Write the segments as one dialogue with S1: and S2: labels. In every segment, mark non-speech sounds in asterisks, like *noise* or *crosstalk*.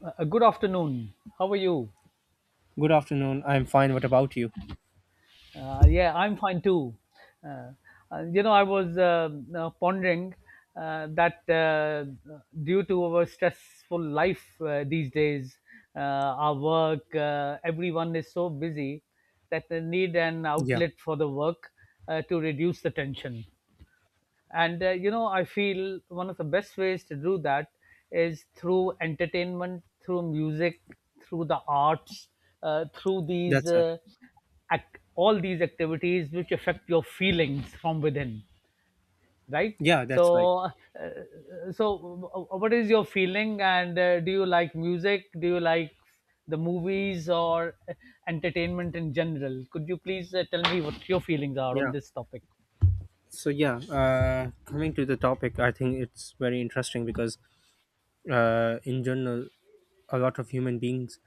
S1: Good afternoon. How are you?
S2: Good afternoon. I'm fine. What about you?
S1: Yeah, I'm fine too. Uh, I was pondering that due to our stressful life, these days, uh, our work, everyone is so busy that they need an
S2: Yeah,
S1: outlet for the work, to reduce the tension. And I feel one of the best ways to do that is through entertainment, through music, through the arts, uh, through these
S2: that's right.
S1: uh, ac- all these activities which affect your feelings from within, right?
S2: Yeah, that's right.
S1: So uh, so uh, what is your feeling? And do you like music? Do you like the movies or entertainment in general? Could you please tell me what your feelings are on
S2: Yeah.
S1: this topic?
S2: So coming to the topic, I think it's very interesting because in general, a lot of human beings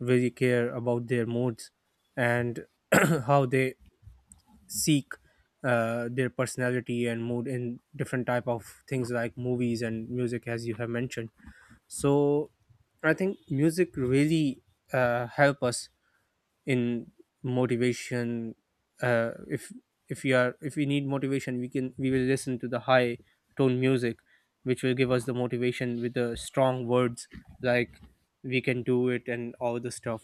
S2: really care about their moods and *clears throat* how they seek their personality and mood in different type of things like movies and music, as you have mentioned. So I think music really help us in motivation uh, if if you are if we need motivation we will listen to the high tone music which will give us the motivation with the strong words like we can do it and all the stuff.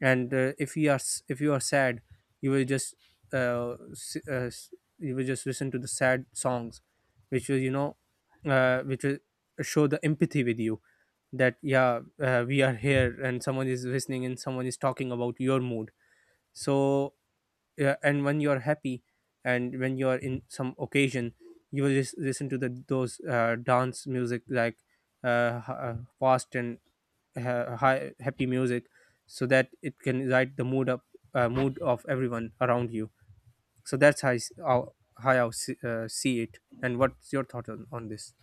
S2: And if you are if you are sad you will just uh, s- uh, s- you will just listen to the sad songs which will which will show the empathy with you, that yeah, we are here and someone is listening and someone is talking about your mood. So yeah, and when you are happy and when you are in some occasion you will just listen to the those dance music, like fast and high, happy music, so that it can light the mood up, mood of everyone around you. So that's how I see, see it, and what's your thought on this?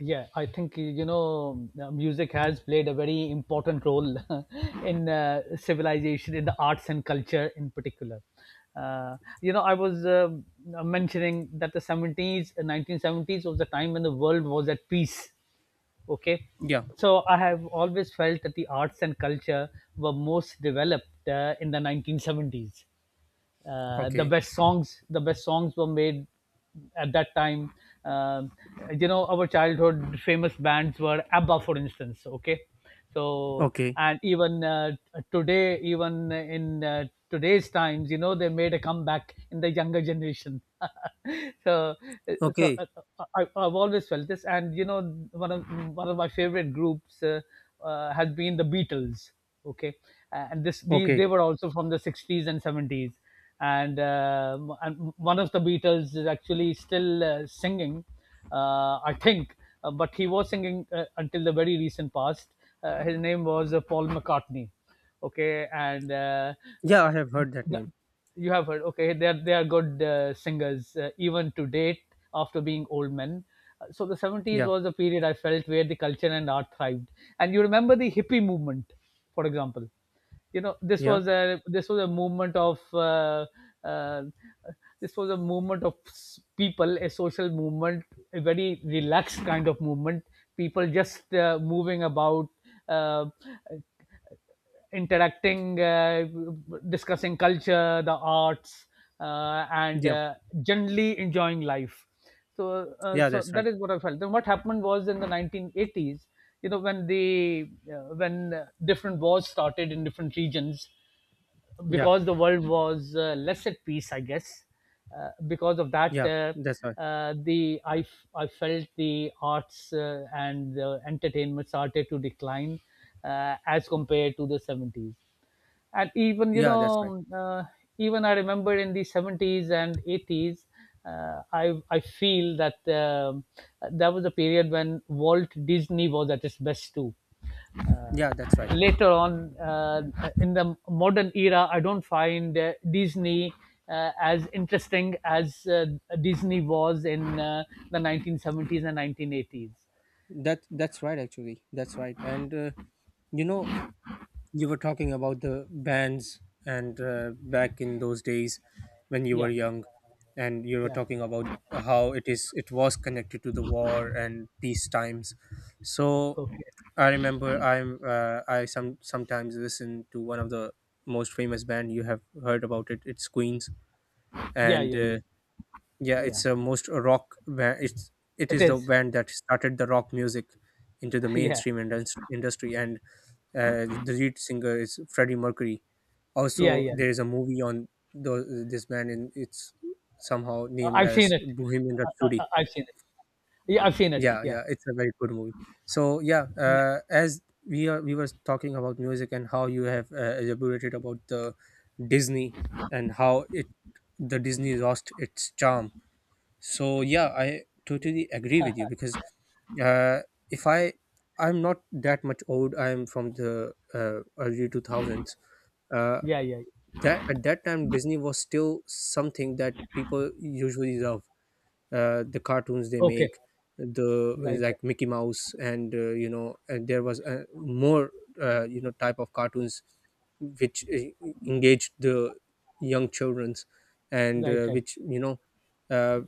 S1: Yeah, I think, music has played a very important role *laughs* in civilization, in the arts and culture in particular. I was mentioning that the 70s, 1970s, was the time when the world was at peace. Okay,
S2: Yeah.
S1: so I have always felt that the arts and culture were most developed in the 1970s. The
S2: Okay.
S1: best songs, were made at that time. Um our childhood famous bands were abba, for instance. Okay. So,
S2: Okay.
S1: and even today, even in today's times, they made a comeback in the younger generation. *laughs* so so
S2: Okay.
S1: uh, I've always felt this. And one of one of my favorite groups has been the Beatles. Okay. and this the,
S2: Okay.
S1: they were also from the 60s and 70s. And one of the Beatles is actually still singing, I think, but he was singing until the very recent past. His name was Paul McCartney. Okay. Uh,
S2: Yeah, I have heard that
S1: th-
S2: name.
S1: you have heard. Okay, they are good singers, even to date, after being old men. So the 70s
S2: Yeah,
S1: was a period I felt where the culture and art thrived. And you remember the hippie movement, for example. This
S2: yeah,
S1: was a this was a movement of uh, this was a movement of s- people, a social movement, a very relaxed kind of movement. People just moving about, uh, interacting, discussing culture, the arts, and
S2: yeah,
S1: generally enjoying life. So, uh,
S2: yeah.
S1: so
S2: That's right.
S1: that is what I felt. Then what happened was in the 1980s, when different wars started in different regions,
S2: Yeah,
S1: because the world was less at peace, I guess. Because of that,
S2: yeah, that's right.
S1: I felt the arts and the entertainment started to decline, as compared to the 70s. And even you
S2: Yeah,
S1: know
S2: that's right.
S1: even I remember in the 70s and 80s, I feel that that was a period when Walt Disney was at its best too.
S2: Yeah, that's right.
S1: Later on, in the modern era, I don't find Disney as interesting as Disney was in the 1970s and 1980s.
S2: That's right. Actually, that's right. And you know, you were talking about the bands, and back in those days when you were
S1: Yeah,
S2: young, and you were
S1: yeah,
S2: talking about how it is it was connected to the war and peace times. So
S1: okay,
S2: I remember I some sometimes listen to one of the most famous band, you have heard about it. It's Queens,
S1: yeah,
S2: and
S1: yeah, yeah,
S2: yeah,
S1: yeah.
S2: it's a most it's, it
S1: It
S2: is the
S1: is.
S2: band that started the rock music into the
S1: *laughs* Yeah,
S2: mainstream industry, and the lead singer is Freddie Mercury.
S1: yeah,
S2: Also
S1: yeah.
S2: there is a movie on this band, and it's somehow named
S1: I've seen
S2: as
S1: it.
S2: Bohemian
S1: I, I,
S2: Rhapsody.
S1: I've seen it. Yeah, I've seen it.
S2: Yeah,
S1: Yeah.
S2: yeah, it's a very good movie. So yeah,
S1: Nice.
S2: as we were talking about music, and how you have elaborated about the Disney, and how it the Disney lost its charm. So yeah, I totally agree with you, because uh, if I, I'm not that much old, I'm from the early 2000s. uh,
S1: Yeah, yeah, yeah.
S2: that at that time Disney was still something that people usually love, the cartoons they
S1: Okay.
S2: make, the
S1: Right.
S2: like Mickey Mouse, and you know, and there was more you know type of cartoons which engaged the young children's, and
S1: Right. Right. Right.
S2: which you know, uh,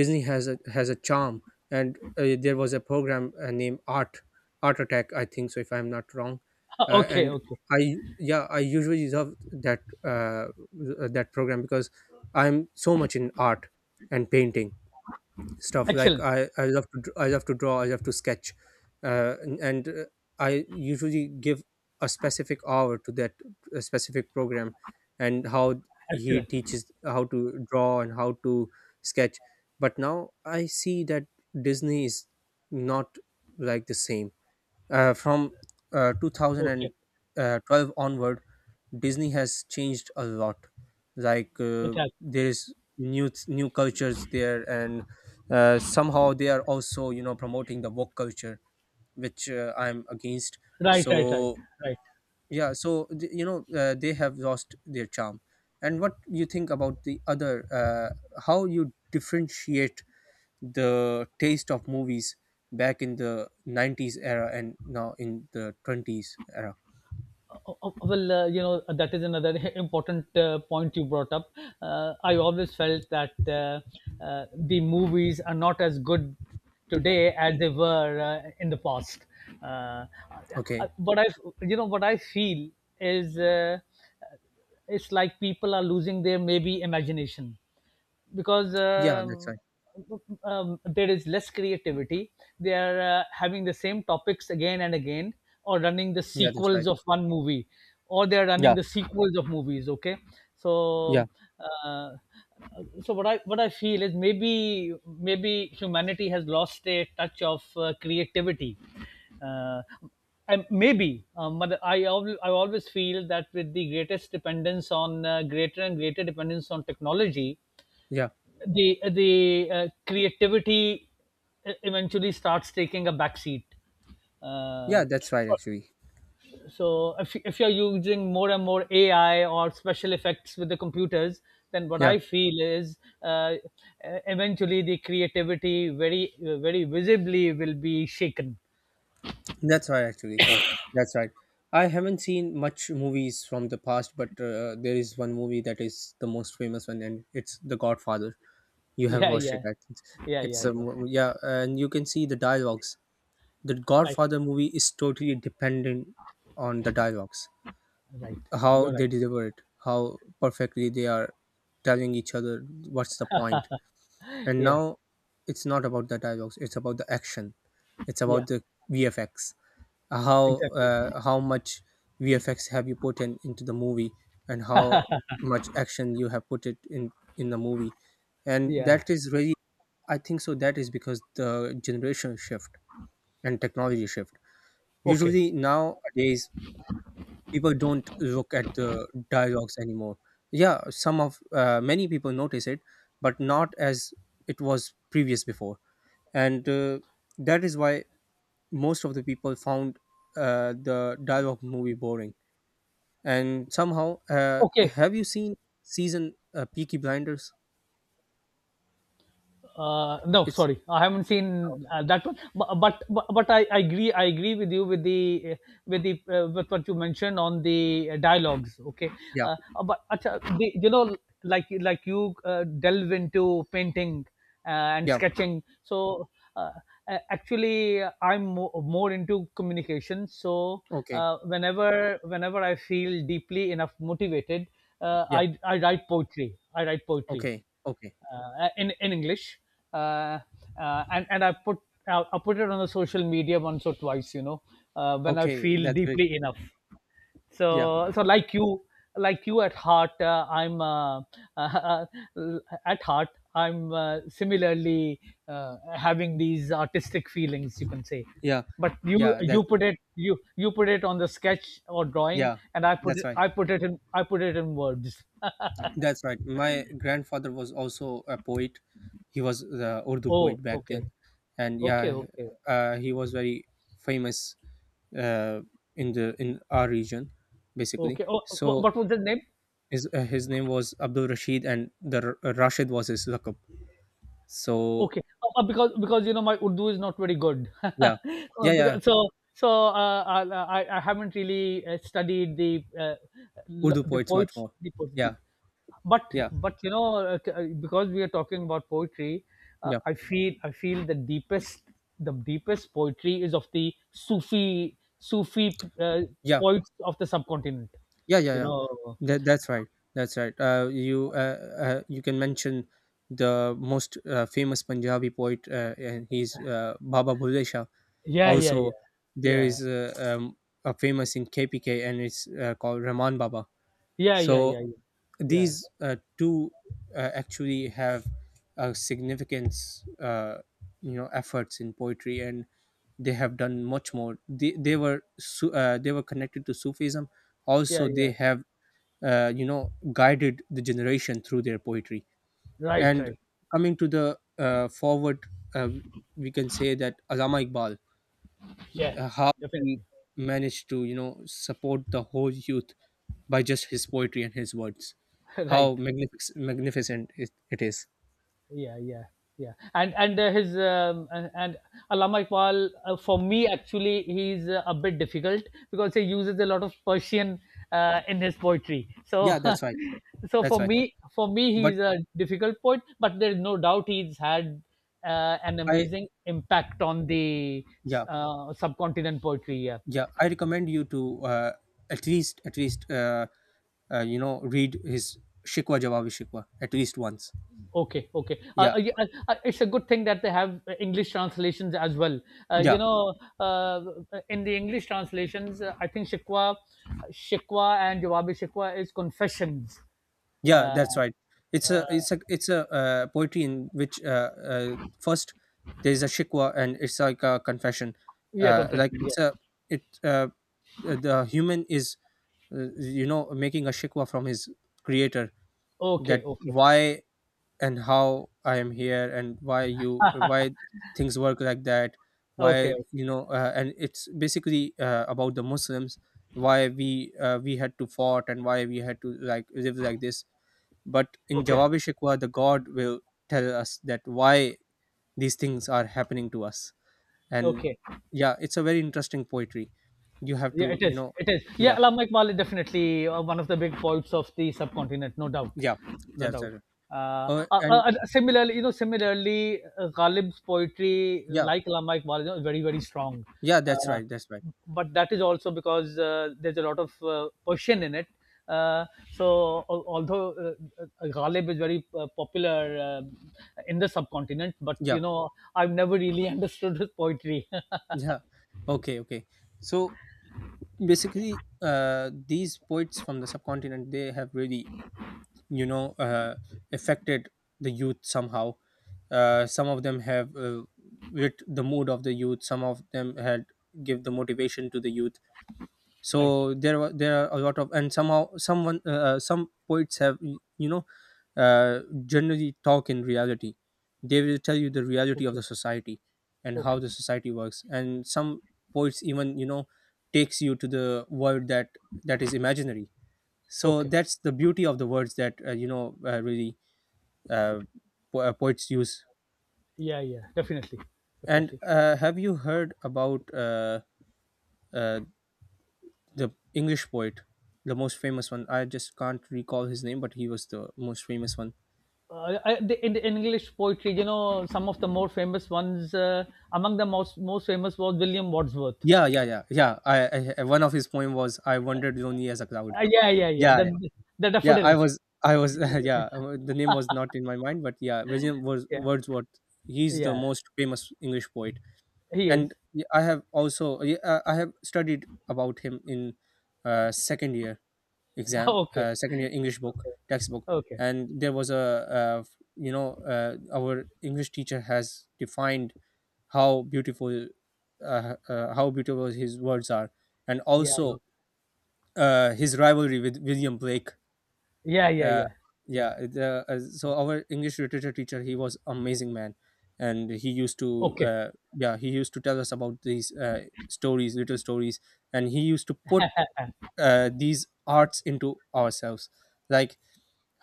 S2: Disney has a charm. And there was a program named Art, Art Attack, I think so, if I'm not wrong.
S1: *laughs* Okay.
S2: And
S1: Okay.
S2: I, yeah, I usually love that, that program because I'm so much in art and painting stuff, like
S1: Excellent.
S2: I love to I love to draw, I love to sketch. And I usually give a specific hour to that, a specific program, and how he
S1: Excellent.
S2: teaches how to draw and how to sketch. But now I see that Disney is not like the same, from
S1: Okay.
S2: 2012 onward, Disney has changed a lot. Like
S1: It has.
S2: there is new cultures there, and somehow they are also, you know, promoting the woke culture, which I'm against.
S1: Right. Right. Right.
S2: So
S1: Right.
S2: yeah, you know, they have lost their charm. And what you think about the other? How you differentiate the taste of movies back in the 90s era and now in the 20s era?
S1: Oh, oh, well, you know, that is another *laughs* important point you brought up. I always felt that the movies are not as good today as they were in the past. Uh, uh,
S2: Okay.
S1: what I, what I feel is, it's like people are losing their, maybe, imagination, because
S2: Yeah, that's right.
S1: there is less creativity. They are having the same topics again and again, or running the
S2: Yeah, that's
S1: sequels
S2: right.
S1: of one movie, or they are running
S2: Yeah,
S1: the sequels of movies. Okay.
S2: yeah.
S1: So uh, so what I feel is, maybe humanity has lost a touch of creativity. Uh, and maybe, but I always feel that with the greatest dependence on greater and greater dependence on technology,
S2: Yeah,
S1: the creativity eventually starts taking a backseat. Uh,
S2: yeah, that's right actually.
S1: so if you're using more and more AI or special effects with the computers, then what
S2: Yeah,
S1: I feel is eventually the creativity very, very visibly will be shaken.
S2: that's right actually. That's right. I haven't seen much movies from the past, but there is one movie that is the most famous one, and it's The Godfather. You have
S1: Yeah,
S2: watched it,
S1: yeah,
S2: I think.
S1: yeah, yeah,
S2: It's a
S1: yeah.
S2: yeah, and you can see the dialogues. The
S1: Right,
S2: Godfather movie is totally dependent on the dialogues,
S1: right. You're
S2: how they
S1: right.
S2: deliver it, how perfectly they are telling each other what's the point. And
S1: Yeah,
S2: now it's not about the dialogues; it's about the action. It's
S1: yeah.
S2: about the VFX.
S1: Exactly.
S2: How much VFX have you put in into the movie, and how much action you have put it in the movie, and
S1: Yeah.
S2: that is really, I think so. That is because the generation shift and technology shift.
S1: Okay.
S2: Usually nowadays people don't look at the dialogues anymore. Yeah, some of many people notice it, but not as it was previous before. And that is why most of the people found the dialogue movie boring. And somehow,
S1: Okay.
S2: have you seen season, Peaky Blinders?
S1: No,
S2: It's,
S1: sorry, I haven't seen
S2: oh,
S1: that one, but I agree with you, with the with what you mentioned on the dialogues. Okay.
S2: yeah,
S1: But acha, the, you know like you delve into painting uh, and
S2: yeah,
S1: sketching. So uh, a- actually, I'm more into communication. So,
S2: okay,
S1: whenever I feel deeply enough motivated,
S2: yeah.
S1: I write poetry,
S2: Okay. Okay.
S1: in English, uh, and I put, I put it on the social media once or twice, you know, when I
S2: Okay,
S1: feel
S2: that's great.
S1: deeply enough.
S2: Yeah,
S1: So, like you at heart, I'm uh, *laughs* at heart. I'm similarly having these artistic feelings, you can say.
S2: yeah,
S1: But
S2: yeah, that's,
S1: you put it on the sketch or drawing,
S2: yeah,
S1: and
S2: that's right.
S1: I put it in words.
S2: That's right. My grandfather was also a poet. He was the Urdu
S1: Oh,
S2: poet back
S1: okay,
S2: then, and
S1: okay,
S2: yeah,
S1: okay.
S2: he was very famous, uh, in the in our region, basically.
S1: Okay. Oh,
S2: So
S1: what was the name?
S2: his, his name was Abdul Rashid, and the Rashid was his lakab. So
S1: Okay. Because my Urdu is not very good. *laughs*
S2: yeah, yeah, yeah.
S1: Because so so I haven't really studied the l-
S2: Urdu
S1: the
S2: poets much
S1: poets
S2: more.
S1: the
S2: Yeah,
S1: poetry. But
S2: yeah,
S1: but you know uh, t- uh, because we are talking about poetry,
S2: yeah,
S1: I feel the deepest poetry is of the Sufi
S2: yeah.
S1: poets of the subcontinent.
S2: Yeah, yeah,
S1: You
S2: yeah.
S1: know.
S2: That's right. That's right. You can mention the most famous Punjabi poet, and he's Baba Bhule Shah.
S1: Yeah. Yeah. Yeah.
S2: Also, there
S1: Yeah.
S2: is a famous in KPK, and it's called Rahman Baba.
S1: Yeah. Yeah.
S2: So
S1: Yeah. Yeah. Yeah.
S2: these two actually have a significance, you know, efforts in poetry, and they have done much more. They were they were connected to Sufism.
S1: Yeah,
S2: Also, they
S1: yeah.
S2: have you know guided the generation through their poetry,
S1: Right,
S2: and
S1: right.
S2: coming to the forward, uh, we can say that Allama Iqbal,
S1: Yeah,
S2: how he
S1: definitely.
S2: managed to, you know, support the whole youth by just his poetry and his words,
S1: *laughs*
S2: how
S1: Right.
S2: magnificent it is.
S1: Yeah, yeah, yeah. And Allama Iqbal, for me, actually, he's a bit difficult, because he uses a lot of Persian in his poetry. So.
S2: Yeah, that's right,
S1: *laughs* so
S2: that's
S1: for
S2: right,
S1: me for me
S2: but
S1: he's a difficult poet, but there's no doubt he's had an
S2: I,
S1: amazing impact on the
S2: yeah,
S1: subcontinent poetry. Yeah.
S2: yeah, I recommend you to at least, you know, read his Shikwa, Jawabi Shikwa at least once.
S1: Okay, okay.
S2: Yeah,
S1: Yeah, it's a good thing that they have English translations as well. Uh, you
S2: yeah.
S1: know, uh, in the English translations, I think Shikwa, and Jawabi Shikwa is confessions.
S2: Yeah,
S1: Uh,
S2: that's right. It's a poetry in which, first there is a shikwa, and it's like a confession,
S1: yeah, confessions.
S2: like
S1: Yeah.
S2: it's a it the human is, you know, making a shikwa from his creator,
S1: Okay,
S2: that
S1: okay,
S2: why and how I am here, and why you, why things work like that, why,
S1: okay,
S2: you know, and it's basically about the Muslims, why we, we had to fought and why we had to like live like this. But in
S1: okay,
S2: Jawabi Shikwa, the God will tell us that why these things are happening to us. And
S1: okay.
S2: yeah, it's a very interesting poetry. You have
S1: Yeah,
S2: to,
S1: it
S2: you
S1: is.
S2: know,
S1: It is. Yeah,
S2: yeah,
S1: Alam Iqbal is definitely one of the big poets of the subcontinent. No doubt,
S2: yeah,
S1: no
S2: yeah,
S1: doubt.
S2: sir. And
S1: Similarly, Ghalib's poetry,
S2: yeah,
S1: like Allama Iqbal, you know, very, very strong.
S2: yeah, that's
S1: Uh,
S2: right, that's right.
S1: but that is also because there's a lot of Persian in it. Uh, so although Ghalib is very popular in the subcontinent, but
S2: Yeah,
S1: you know, I've never really *laughs* understood his poetry. *laughs*
S2: yeah. Okay, okay. So basically, these poets from the subcontinent, they have really, you know, affected the youth somehow. Some of them have lit the mood of the youth, some of them had give the motivation to the youth.
S1: Right.
S2: So there were, there are a lot of, and somehow someone, some poets have, you know, uh, generally talk in reality, they will tell you the reality of
S1: Okay.
S2: the society and how
S1: Okay.
S2: the society works. And some poets even, you know, takes you to the world that that is imaginary. So
S1: Okay.
S2: that's the beauty of the words that, you know, really, uh, poets use.
S1: Yeah, yeah, definitely,
S2: And
S1: definitely.
S2: have you heard about uh, the English poet, the most famous one? I just can't recall his name, but he was the most famous one.
S1: In the English poetry, you know, some of the more famous ones, among the most famous was William Wordsworth.
S2: Yeah, yeah, yeah, yeah. One of his poem was I Wandered Lonely as a Cloud.
S1: Yeah, yeah, yeah.
S2: Yeah,
S1: The
S2: yeah,
S1: the
S2: yeah, I
S1: daffodils.
S2: was, I
S1: *laughs*
S2: was *laughs* yeah, the name was not in my mind, but yeah, William was
S1: Yeah,
S2: Wordsworth. He's the
S1: yeah.
S2: most famous English poet.
S1: He
S2: And
S1: is.
S2: I have also I have studied about him in second year
S1: *laughs*
S2: exam,
S1: Okay,
S2: second year English book
S1: okay,
S2: textbook.
S1: okay.
S2: And there was a uh, you know, our English teacher has defined how beautiful, how beautiful his words are, and
S1: Yeah,
S2: also his rivalry with William Blake.
S1: yeah, yeah, yeah,
S2: uh,
S1: yeah, yeah.
S2: yeah, so our English literature teacher, he was amazing man, and he used to
S1: Okay,
S2: yeah, he used to tell us about these stories, little stories, and he used to put these arts into ourselves, like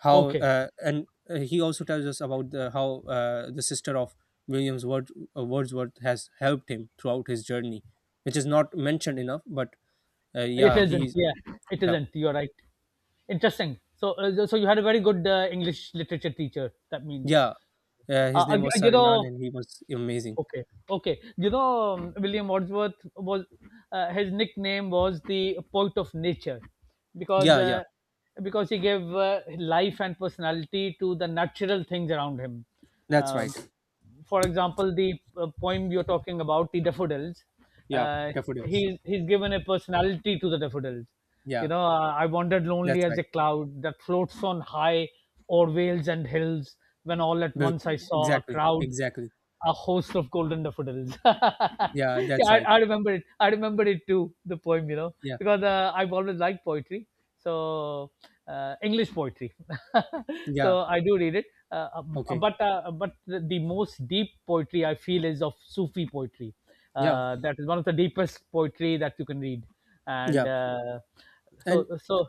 S2: how,
S1: okay.
S2: and he also tells us about how the sister of Williams Word, Wordsworth has helped him throughout his journey which is not mentioned enough but
S1: It
S2: yeah
S1: isn't.
S2: he
S1: Yeah, it
S2: yeah
S1: isn't. You're right. Interesting. So you had a very good English literature teacher. That means,
S2: yeah his name was Sir
S1: you
S2: Imran
S1: know.
S2: and he was amazing.
S1: Okay, okay. You know, William Wordsworth, was his nickname was the poet of nature, because
S2: Yeah, yeah,
S1: uh, because he gave life and personality to the natural things around him.
S2: that's
S1: Um,
S2: right.
S1: for example, the poem you're talking about, the daffodils,
S2: Yeah,
S1: uh,
S2: daffodils.
S1: he's given a personality to the daffodils. You
S2: Yeah,
S1: know, I wandered
S2: that's
S1: lonely as a
S2: right.
S1: cloud that floats on high o'er vales and hills. When all at
S2: Bil-
S1: once I saw a
S2: Exactly,
S1: crowd,
S2: exactly.
S1: a host of golden daffodils. *laughs*
S2: Yeah, that's
S1: Yeah, I,
S2: right.
S1: I remember it. I remember it too, the poem, you know,
S2: Yeah,
S1: because I've always liked poetry. So, English poetry. *laughs*
S2: yeah.
S1: So, I do read it.
S2: Okay.
S1: But the most deep poetry I feel is of Sufi poetry.
S2: Yeah,
S1: That is one of the deepest poetry that you can read. And
S2: yeah. And
S1: so, so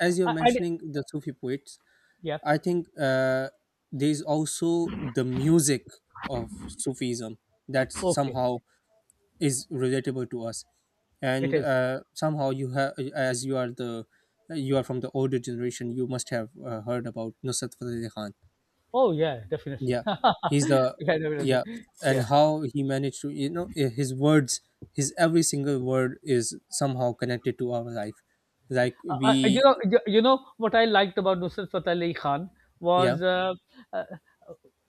S2: as you're
S1: I, I,
S2: mentioning the Sufi poets,
S1: yeah,
S2: I think there's also the music of Sufism that
S1: okay,
S2: somehow is relatable to us,
S1: it
S2: and
S1: is.
S2: somehow you have, as you are you are from the older generation, you must have heard about Nusrat Fateh Ali Khan.
S1: Oh yeah, definitely.
S2: Yeah,
S1: *laughs*
S2: he's the,
S1: Yeah,
S2: yeah.
S1: definitely.
S2: And
S1: Yeah.
S2: how he managed to, you know, his words, his every single word is somehow connected to our life, like we,
S1: You know what I liked about Nusrat Fateh Ali Khan
S2: yeah,
S1: was uh,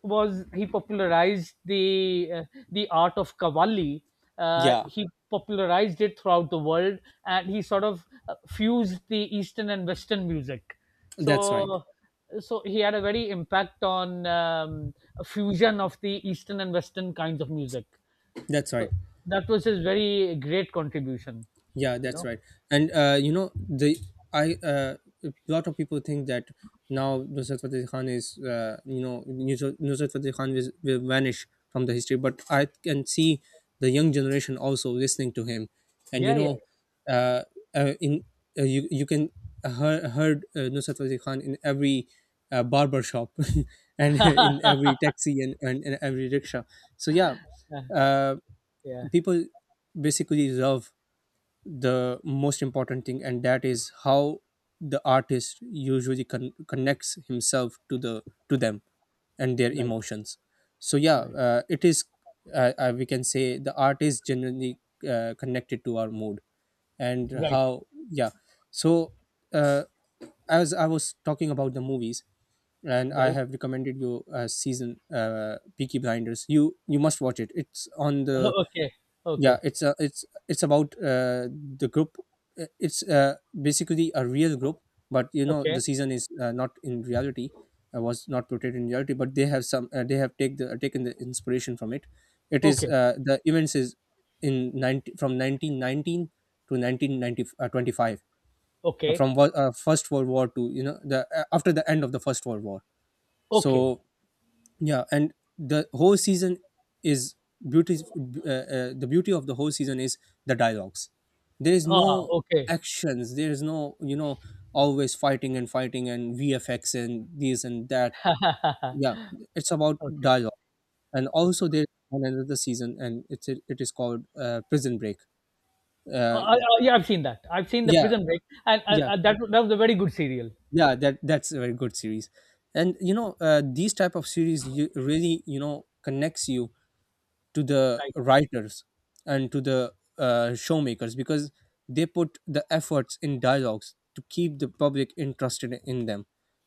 S1: he popularized the art of Qawwali.
S2: yeah,
S1: He popularized it throughout the world, and he sort of fused the Eastern and Western music.
S2: that's right,
S1: So, so he had a very impact on a fusion of the Eastern and Western kinds of music.
S2: that's right.
S1: So that was his very great contribution,
S2: Yeah,
S1: you
S2: that's
S1: know.
S2: right. And you know, the I a lot of people think that now Nusrat Fateh Khan is, you know, Nusrat Fateh Khan will vanish from the history, but I can see the young generation also listening to him, and you
S1: Yeah, yeah,
S2: know, uh, in you you can heard Nusrat Fateh Khan in every barber shop *laughs* and in every taxi and every rickshaw. So yeah,
S1: yeah,
S2: uh,
S1: yeah.
S2: people basically love the most important thing, and that is how the artist usually connects himself to the, to them and their
S1: Right,
S2: emotions. So yeah,
S1: right,
S2: it is, we can say the art is generally connected to our mood and
S1: right,
S2: how, yeah. So uh, as I was talking about the movies, and I
S1: right.
S2: have recommended you season, Peaky Blinders. You must watch it, it's on the,
S1: *laughs* Okay,
S2: yeah.
S1: okay,
S2: It's, it's about the group. It's basically a real group, but you know the
S1: okay,
S2: season is, not in reality, was not portrayed in reality, but they have some they have taken the inspiration from it. It is
S1: okay,
S2: the events is in 90, from 1919 to 1990 25,
S1: okay,
S2: first world war to, you know, the after the end of the first world war. So
S1: okay.
S2: yeah, and the whole season is beauty. The beauty of the whole season is the dialogues. There is
S1: Ah,
S2: no
S1: okay,
S2: actions, there is no, you know, always fighting and fighting and vfx and this and that,
S1: ah,
S2: yeah. It's about
S1: okay,
S2: dialogue. And
S1: okay.
S2: also there's one another season, and it is called Prison Break.
S1: Uh,
S2: uh,
S1: uh, uh, yeah, I've seen that. I've seen the
S2: yeah,
S1: Prison Break, and
S2: yeah.
S1: that was a very good serial.
S2: Yeah, that's a very good series. And you know, these type of series you, really, you know, connects you to the
S1: Right,
S2: writers and to the showmakers, because they put the efforts in dialogues to keep the public interested in them.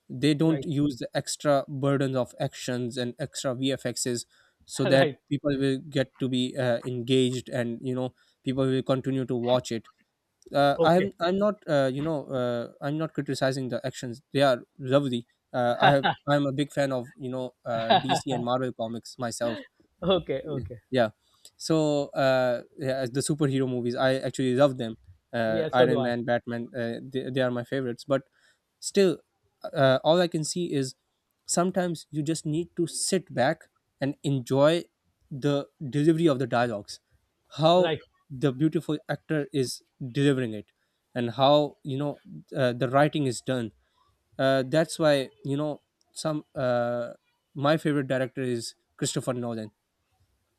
S2: They don't
S1: right,
S2: use the extra burdens of actions and extra vfxs,
S1: *laughs*
S2: so that
S1: right.
S2: people will get to be engaged, and you know, people will continue to watch it. uh, i'm
S1: Okay,
S2: i'm not you know, I'm not criticizing the actions, they are lovely. I have I'm a big fan of, you know, DC and Marvel comics myself.
S1: okay, okay.
S2: Yeah, so uh yeah, the superhero movies I actually love them.
S1: Yeah, so do
S2: Iron
S1: I.
S2: Man, Batman, they are my favorites, but still all I can see is sometimes you just need to sit back and enjoy the delivery of the dialogues, how
S1: Right.
S2: the beautiful actor is delivering it, and how, you know, the writing is done. That's why, you know, some my favorite director is Christopher Nolan.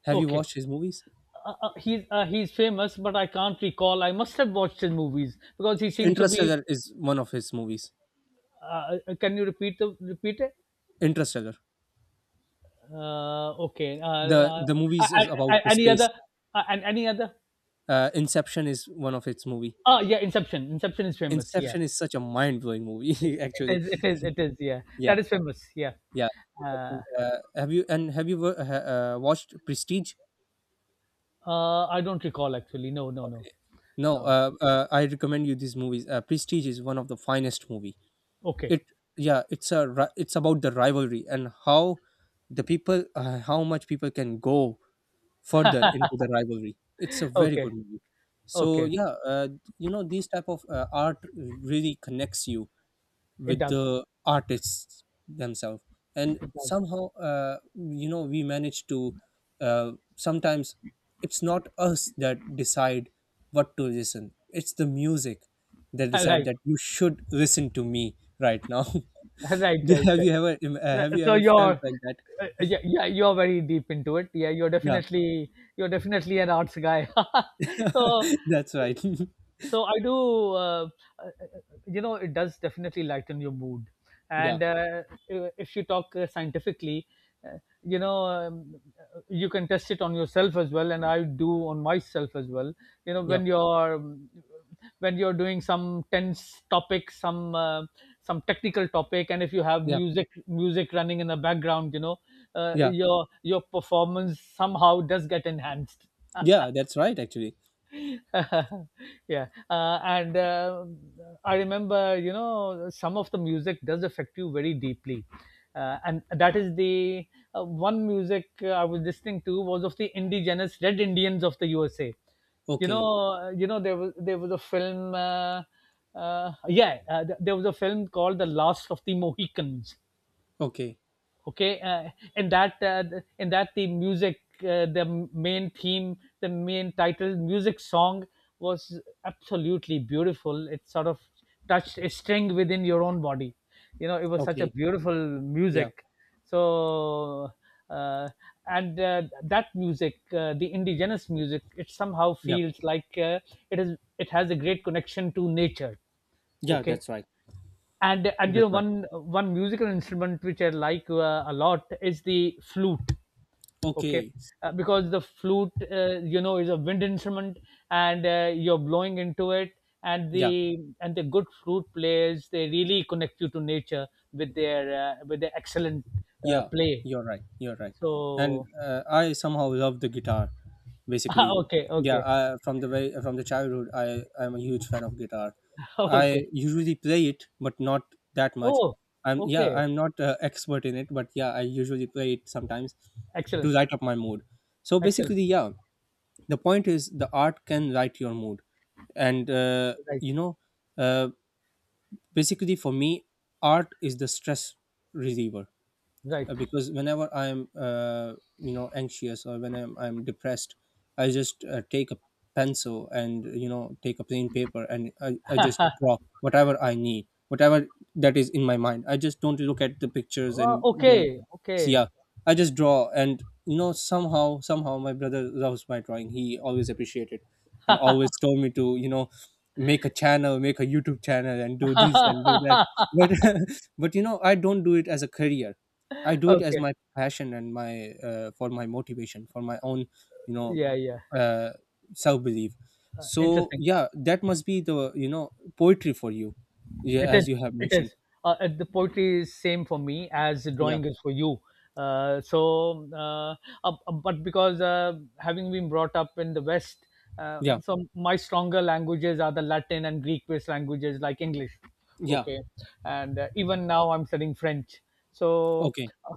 S2: Have you
S1: Okay,
S2: watched his movies?
S1: uh, uh, he's famous, but I can't recall. I must have watched his movies because he seems to be.
S2: Interstellar is one of his movies.
S1: Can you repeat it?
S2: Interstellar.
S1: Okay.
S2: The
S1: Uh,
S2: the movies
S1: a-
S2: is
S1: a-
S2: about
S1: a-
S2: the
S1: any
S2: space.
S1: other? And any other?
S2: Inception is one of its movie.
S1: Oh yeah, Inception. Inception is famous. Yeah,
S2: Inception is such a mind blowing
S1: it
S2: movie. *laughs* Actually,
S1: is. It is. It is. Yeah,
S2: yeah,
S1: that is famous. Yeah.
S2: yeah.
S1: Uh,
S2: Have you watched Prestige?
S1: I don't recall actually. No, no, no,
S2: Okay. No,
S1: no.
S2: I recommend you these movies. Prestige is one of the finest movie.
S1: Okay,
S2: It, yeah, it's about the rivalry, and how the people, how much people can go further into the rivalry. It's a very
S1: okay,
S2: good movie. So
S1: okay.
S2: yeah, you know these type of art really connects you
S1: It
S2: with
S1: does.
S2: the artists themselves, and
S1: It does.
S2: somehow you know we manage to. Sometimes it's not us that decide what to listen. It's the music that
S1: *laughs*
S2: decide
S1: Right,
S2: that you should listen to me right now.
S1: right,
S2: *laughs*
S1: right, right. Uh,
S2: Have you
S1: so
S2: ever
S1: you're,
S2: felt like that?
S1: yeah, yeah, you're very deep into it. Yeah, you're
S2: Yeah,
S1: definitely an arts guy. *laughs* so
S2: *laughs* that's right. *laughs*
S1: so I do uh, you know it does definitely lighten your mood.
S2: yeah,
S1: And if you talk scientifically, uh, you know um, you can test it on yourself as well, and I do on myself as well. you know
S2: yeah,
S1: when you're um, when you're doing some tense topic, some technical topic, and if you have
S2: yeah.
S1: music running in the background,
S2: Yeah,
S1: your performance somehow does get enhanced.
S2: yeah, that's right, actually.
S1: *laughs* Yeah. And I remember, some of the music does affect you very deeply. And that is the one music I was listening to was of the indigenous Red Indians of the USA.
S2: Okay,
S1: There was a film, yeah, there was a film called The Last of the Mohicans.
S2: okay,
S1: Okay. And that uh, and that the music, the main title music song was absolutely beautiful. It sort of touched a string within your own body. It was such a
S2: okay.
S1: beautiful
S2: Yeah,
S1: music. So, uh, and that music, the indigenous music, it somehow
S2: yeah,
S1: feels like, it has a great connection to nature.
S2: yeah,
S1: Okay.
S2: that's right.
S1: And
S2: That's right.
S1: one musical instrument which I like a lot is the flute. Okay,
S2: Okay,
S1: because the flute, is a wind instrument, and you're blowing into it, and
S2: yeah,
S1: the good flute players, they really connect you to nature with their, with their excellent
S2: yeah,
S1: play.
S2: you're right, you're right. And
S1: So,
S2: I somehow love the guitar,
S1: *laughs* ah,
S2: basically.
S1: okay,
S2: Yeah,
S1: okay,
S2: I, from the very, from the childhood, I'm a huge fan of guitar.
S1: *laughs*
S2: I
S1: okay.
S2: usually play it, but not that much.
S1: Oh,
S2: I'm yeah,
S1: okay.
S2: I'm not expert in it, but yeah, I usually play it sometimes to
S1: Excellent,
S2: light up my mood. So
S1: excellent.
S2: basically, yeah, the point is the art can write your mood, and
S1: Right,
S2: you know, uh, basically for me art is the stress reliever,
S1: right.
S2: because whenever I'm you know anxious, or when I'm depressed, I just take a pencil, and you know take a plain paper, and I just draw whatever I need, whatever that is in my mind. I just don't look at the pictures
S1: Uh,
S2: and don't
S1: okay,
S2: see, yeah,
S1: okay.
S2: I just draw. And you know, somehow my brother loves my drawing, he always appreciated and always told me to, you know, make a channel, make a YouTube channel and do this and do that.
S1: *laughs*
S2: But *laughs* but you know I don't do it as a career. I do it as
S1: Okay.
S2: my passion and my, for my motivation, for my own, you know,
S1: Yeah, yeah.
S2: uh, self belief. So
S1: Interesting.
S2: yeah, that must be the, you know, poetry for you, yeah,
S1: It is.
S2: as you have
S1: It
S2: mentioned.
S1: is. The poetry is same for me as the
S2: Yeah,
S1: drawing is for you. uh, so uh, uh, but because, having been brought up in the West,
S2: yeah,
S1: so my stronger languages are the Latin and Greek based languages like English.
S2: yeah.
S1: Okay. And even now I'm studying French. So,
S2: Okay,
S1: uh,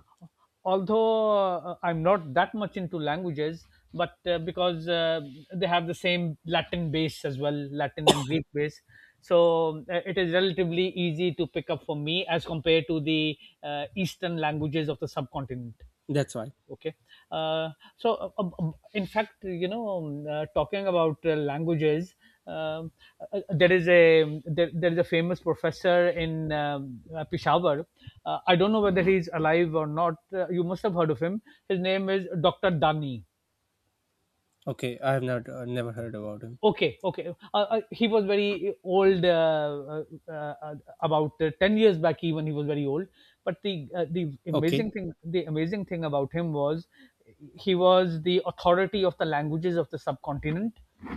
S1: although, I'm not that much into languages, but because they have the same Latin base as well, Latin and Greek base. So it is relatively easy to pick up for me as compared to the Eastern languages of the subcontinent.
S2: that's why.
S1: Okay. uh, in fact, talking about languages, um, there is a famous professor in Peshawar. I don't know whether he's alive or not. You must have heard of him. His name is Dr. Dani.
S2: Okay, I have not never heard about him.
S1: Okay, okay. He was very old, uh, uh, about 10 years back. Even he was very old. But
S2: Okay,
S1: the amazing thing about him was he was the authority of the languages of the subcontinent,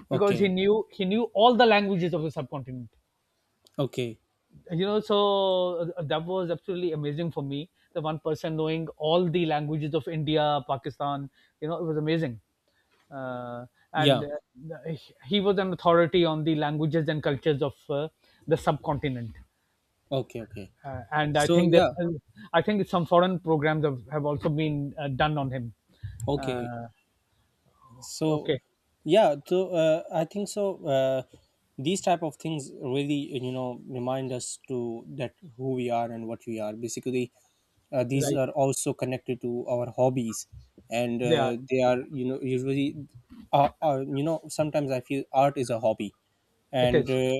S1: because
S2: okay,
S1: he knew all the languages of the subcontinent.
S2: okay.
S1: So, that was absolutely amazing for me, the one person knowing all the languages of India, Pakistan. It was amazing. Uh, and
S2: Yeah,
S1: He was an authority on the languages and cultures of the subcontinent.
S2: okay, okay.
S1: And i
S2: So
S1: think that
S2: yeah,
S1: i think some foreign programs have also been done on him.
S2: okay.
S1: uh,
S2: So
S1: okay.
S2: yeah, so I think so these type of things really, you know, remind us to that who we are and what we are basically. These
S1: Right.
S2: are also connected to our hobbies, and
S1: They are.
S2: they are, you know, usually you know, sometimes I feel art is a hobby,
S1: It
S2: and
S1: is.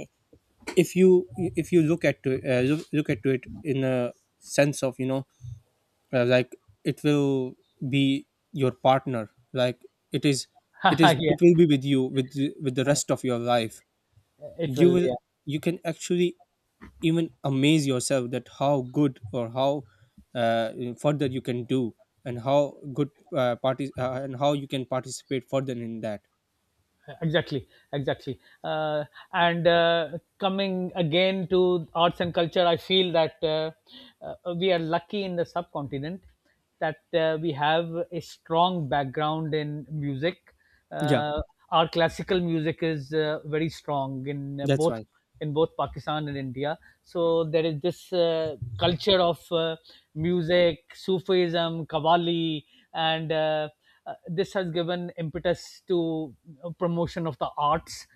S2: if you, if you look at look, look at to it in a sense of, you know, like, it will be your partner, like, it is, it is,
S1: *laughs*
S2: it
S1: Yeah.
S2: will be with you, with the rest of your life.
S1: It
S2: You
S1: will.
S2: will,
S1: Yeah.
S2: you can actually even amaze yourself that how good or how uh, further you can do, and how good parties, and how you can participate further in that.
S1: Exactly, exactly. uh, and Coming again to arts and culture, I feel that we are lucky in the subcontinent, that we have a strong background in music.
S2: Yeah,
S1: uh, our classical music is very strong, in
S2: that's
S1: both
S2: right,
S1: in both Pakistan and India. So there is this culture of uh, music, Sufism, Qawwali, and this has given impetus to promotion of the arts.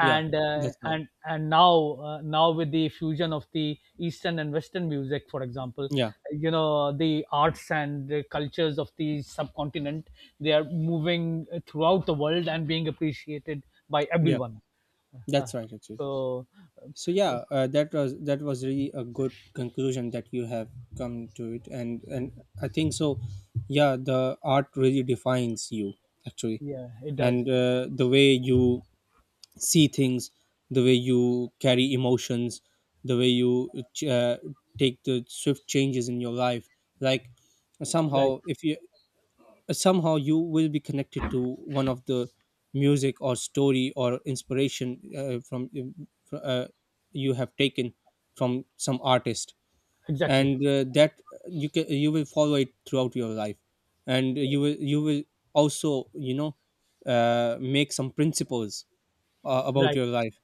S2: yeah,
S1: uh,
S2: that's right.
S1: and and now uh, now with the fusion of the Eastern and Western music, for example,
S2: Yeah,
S1: the arts and the cultures of the subcontinent, they are moving throughout the world and being appreciated by
S2: yeah,
S1: everyone. uh,
S2: that's right actually.
S1: so uh,
S2: So yeah, that was, that was really a good conclusion that you have come to it. And I think so yeah, the art really defines you actually.
S1: yeah, it does.
S2: And the way you see things, the way you carry emotions, the way you take the swift changes in your life, like,
S1: Right.
S2: somehow, if you, somehow you will be connected to one of the music or story or inspiration, you have taken from some artist.
S1: Exactly.
S2: And that you can, you will follow it throughout your life. And you will, you will also, you know, make some principles about
S1: Right.
S2: your life,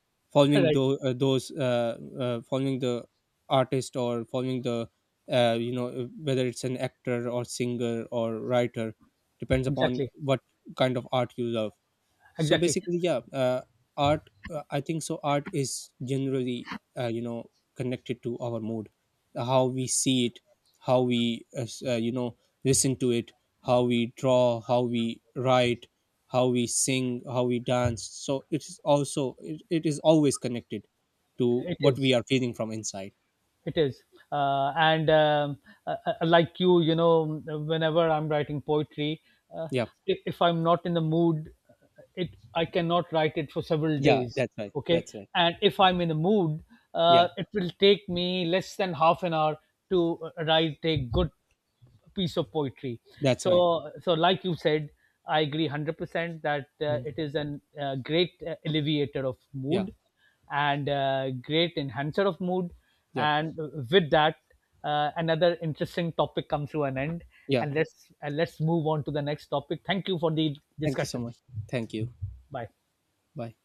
S1: *laughs*
S2: following
S1: Right.
S2: those, following the artist or following the, you know, whether it's an actor or singer or writer, depends upon
S1: Exactly,
S2: what kind of art you love. So
S1: exactly.
S2: basically yeah, art, I think so art is generally you know connected to our mood, how we see it, how we, you know, listen to it, how we draw, how we write, how we sing, how we dance, so it is also it is always connected to
S1: It
S2: what
S1: is.
S2: we are feeling from inside.
S1: It is. And Like you, whenever I'm writing poetry, uh,
S2: Yeah,
S1: if I'm not in the mood, it I cannot write it for several
S2: yeah,
S1: days.
S2: that's right,
S1: Okay,
S2: that's right.
S1: and if I'm in the mood,
S2: Yeah,
S1: it will take me less than half an hour to write a good piece of poetry.
S2: that's
S1: so
S2: right.
S1: so like you said, I agree 100% that,
S2: Mm.
S1: it is an, great, alleviator of
S2: Yeah,
S1: mood, and great enhancer of mood.
S2: yeah,
S1: And with that, another interesting topic comes to an end,
S2: yeah.
S1: and let's move on to the next topic. Thank you for the
S2: Thank you so
S1: discussion.
S2: much. Thank you.
S1: Bye.
S2: Bye.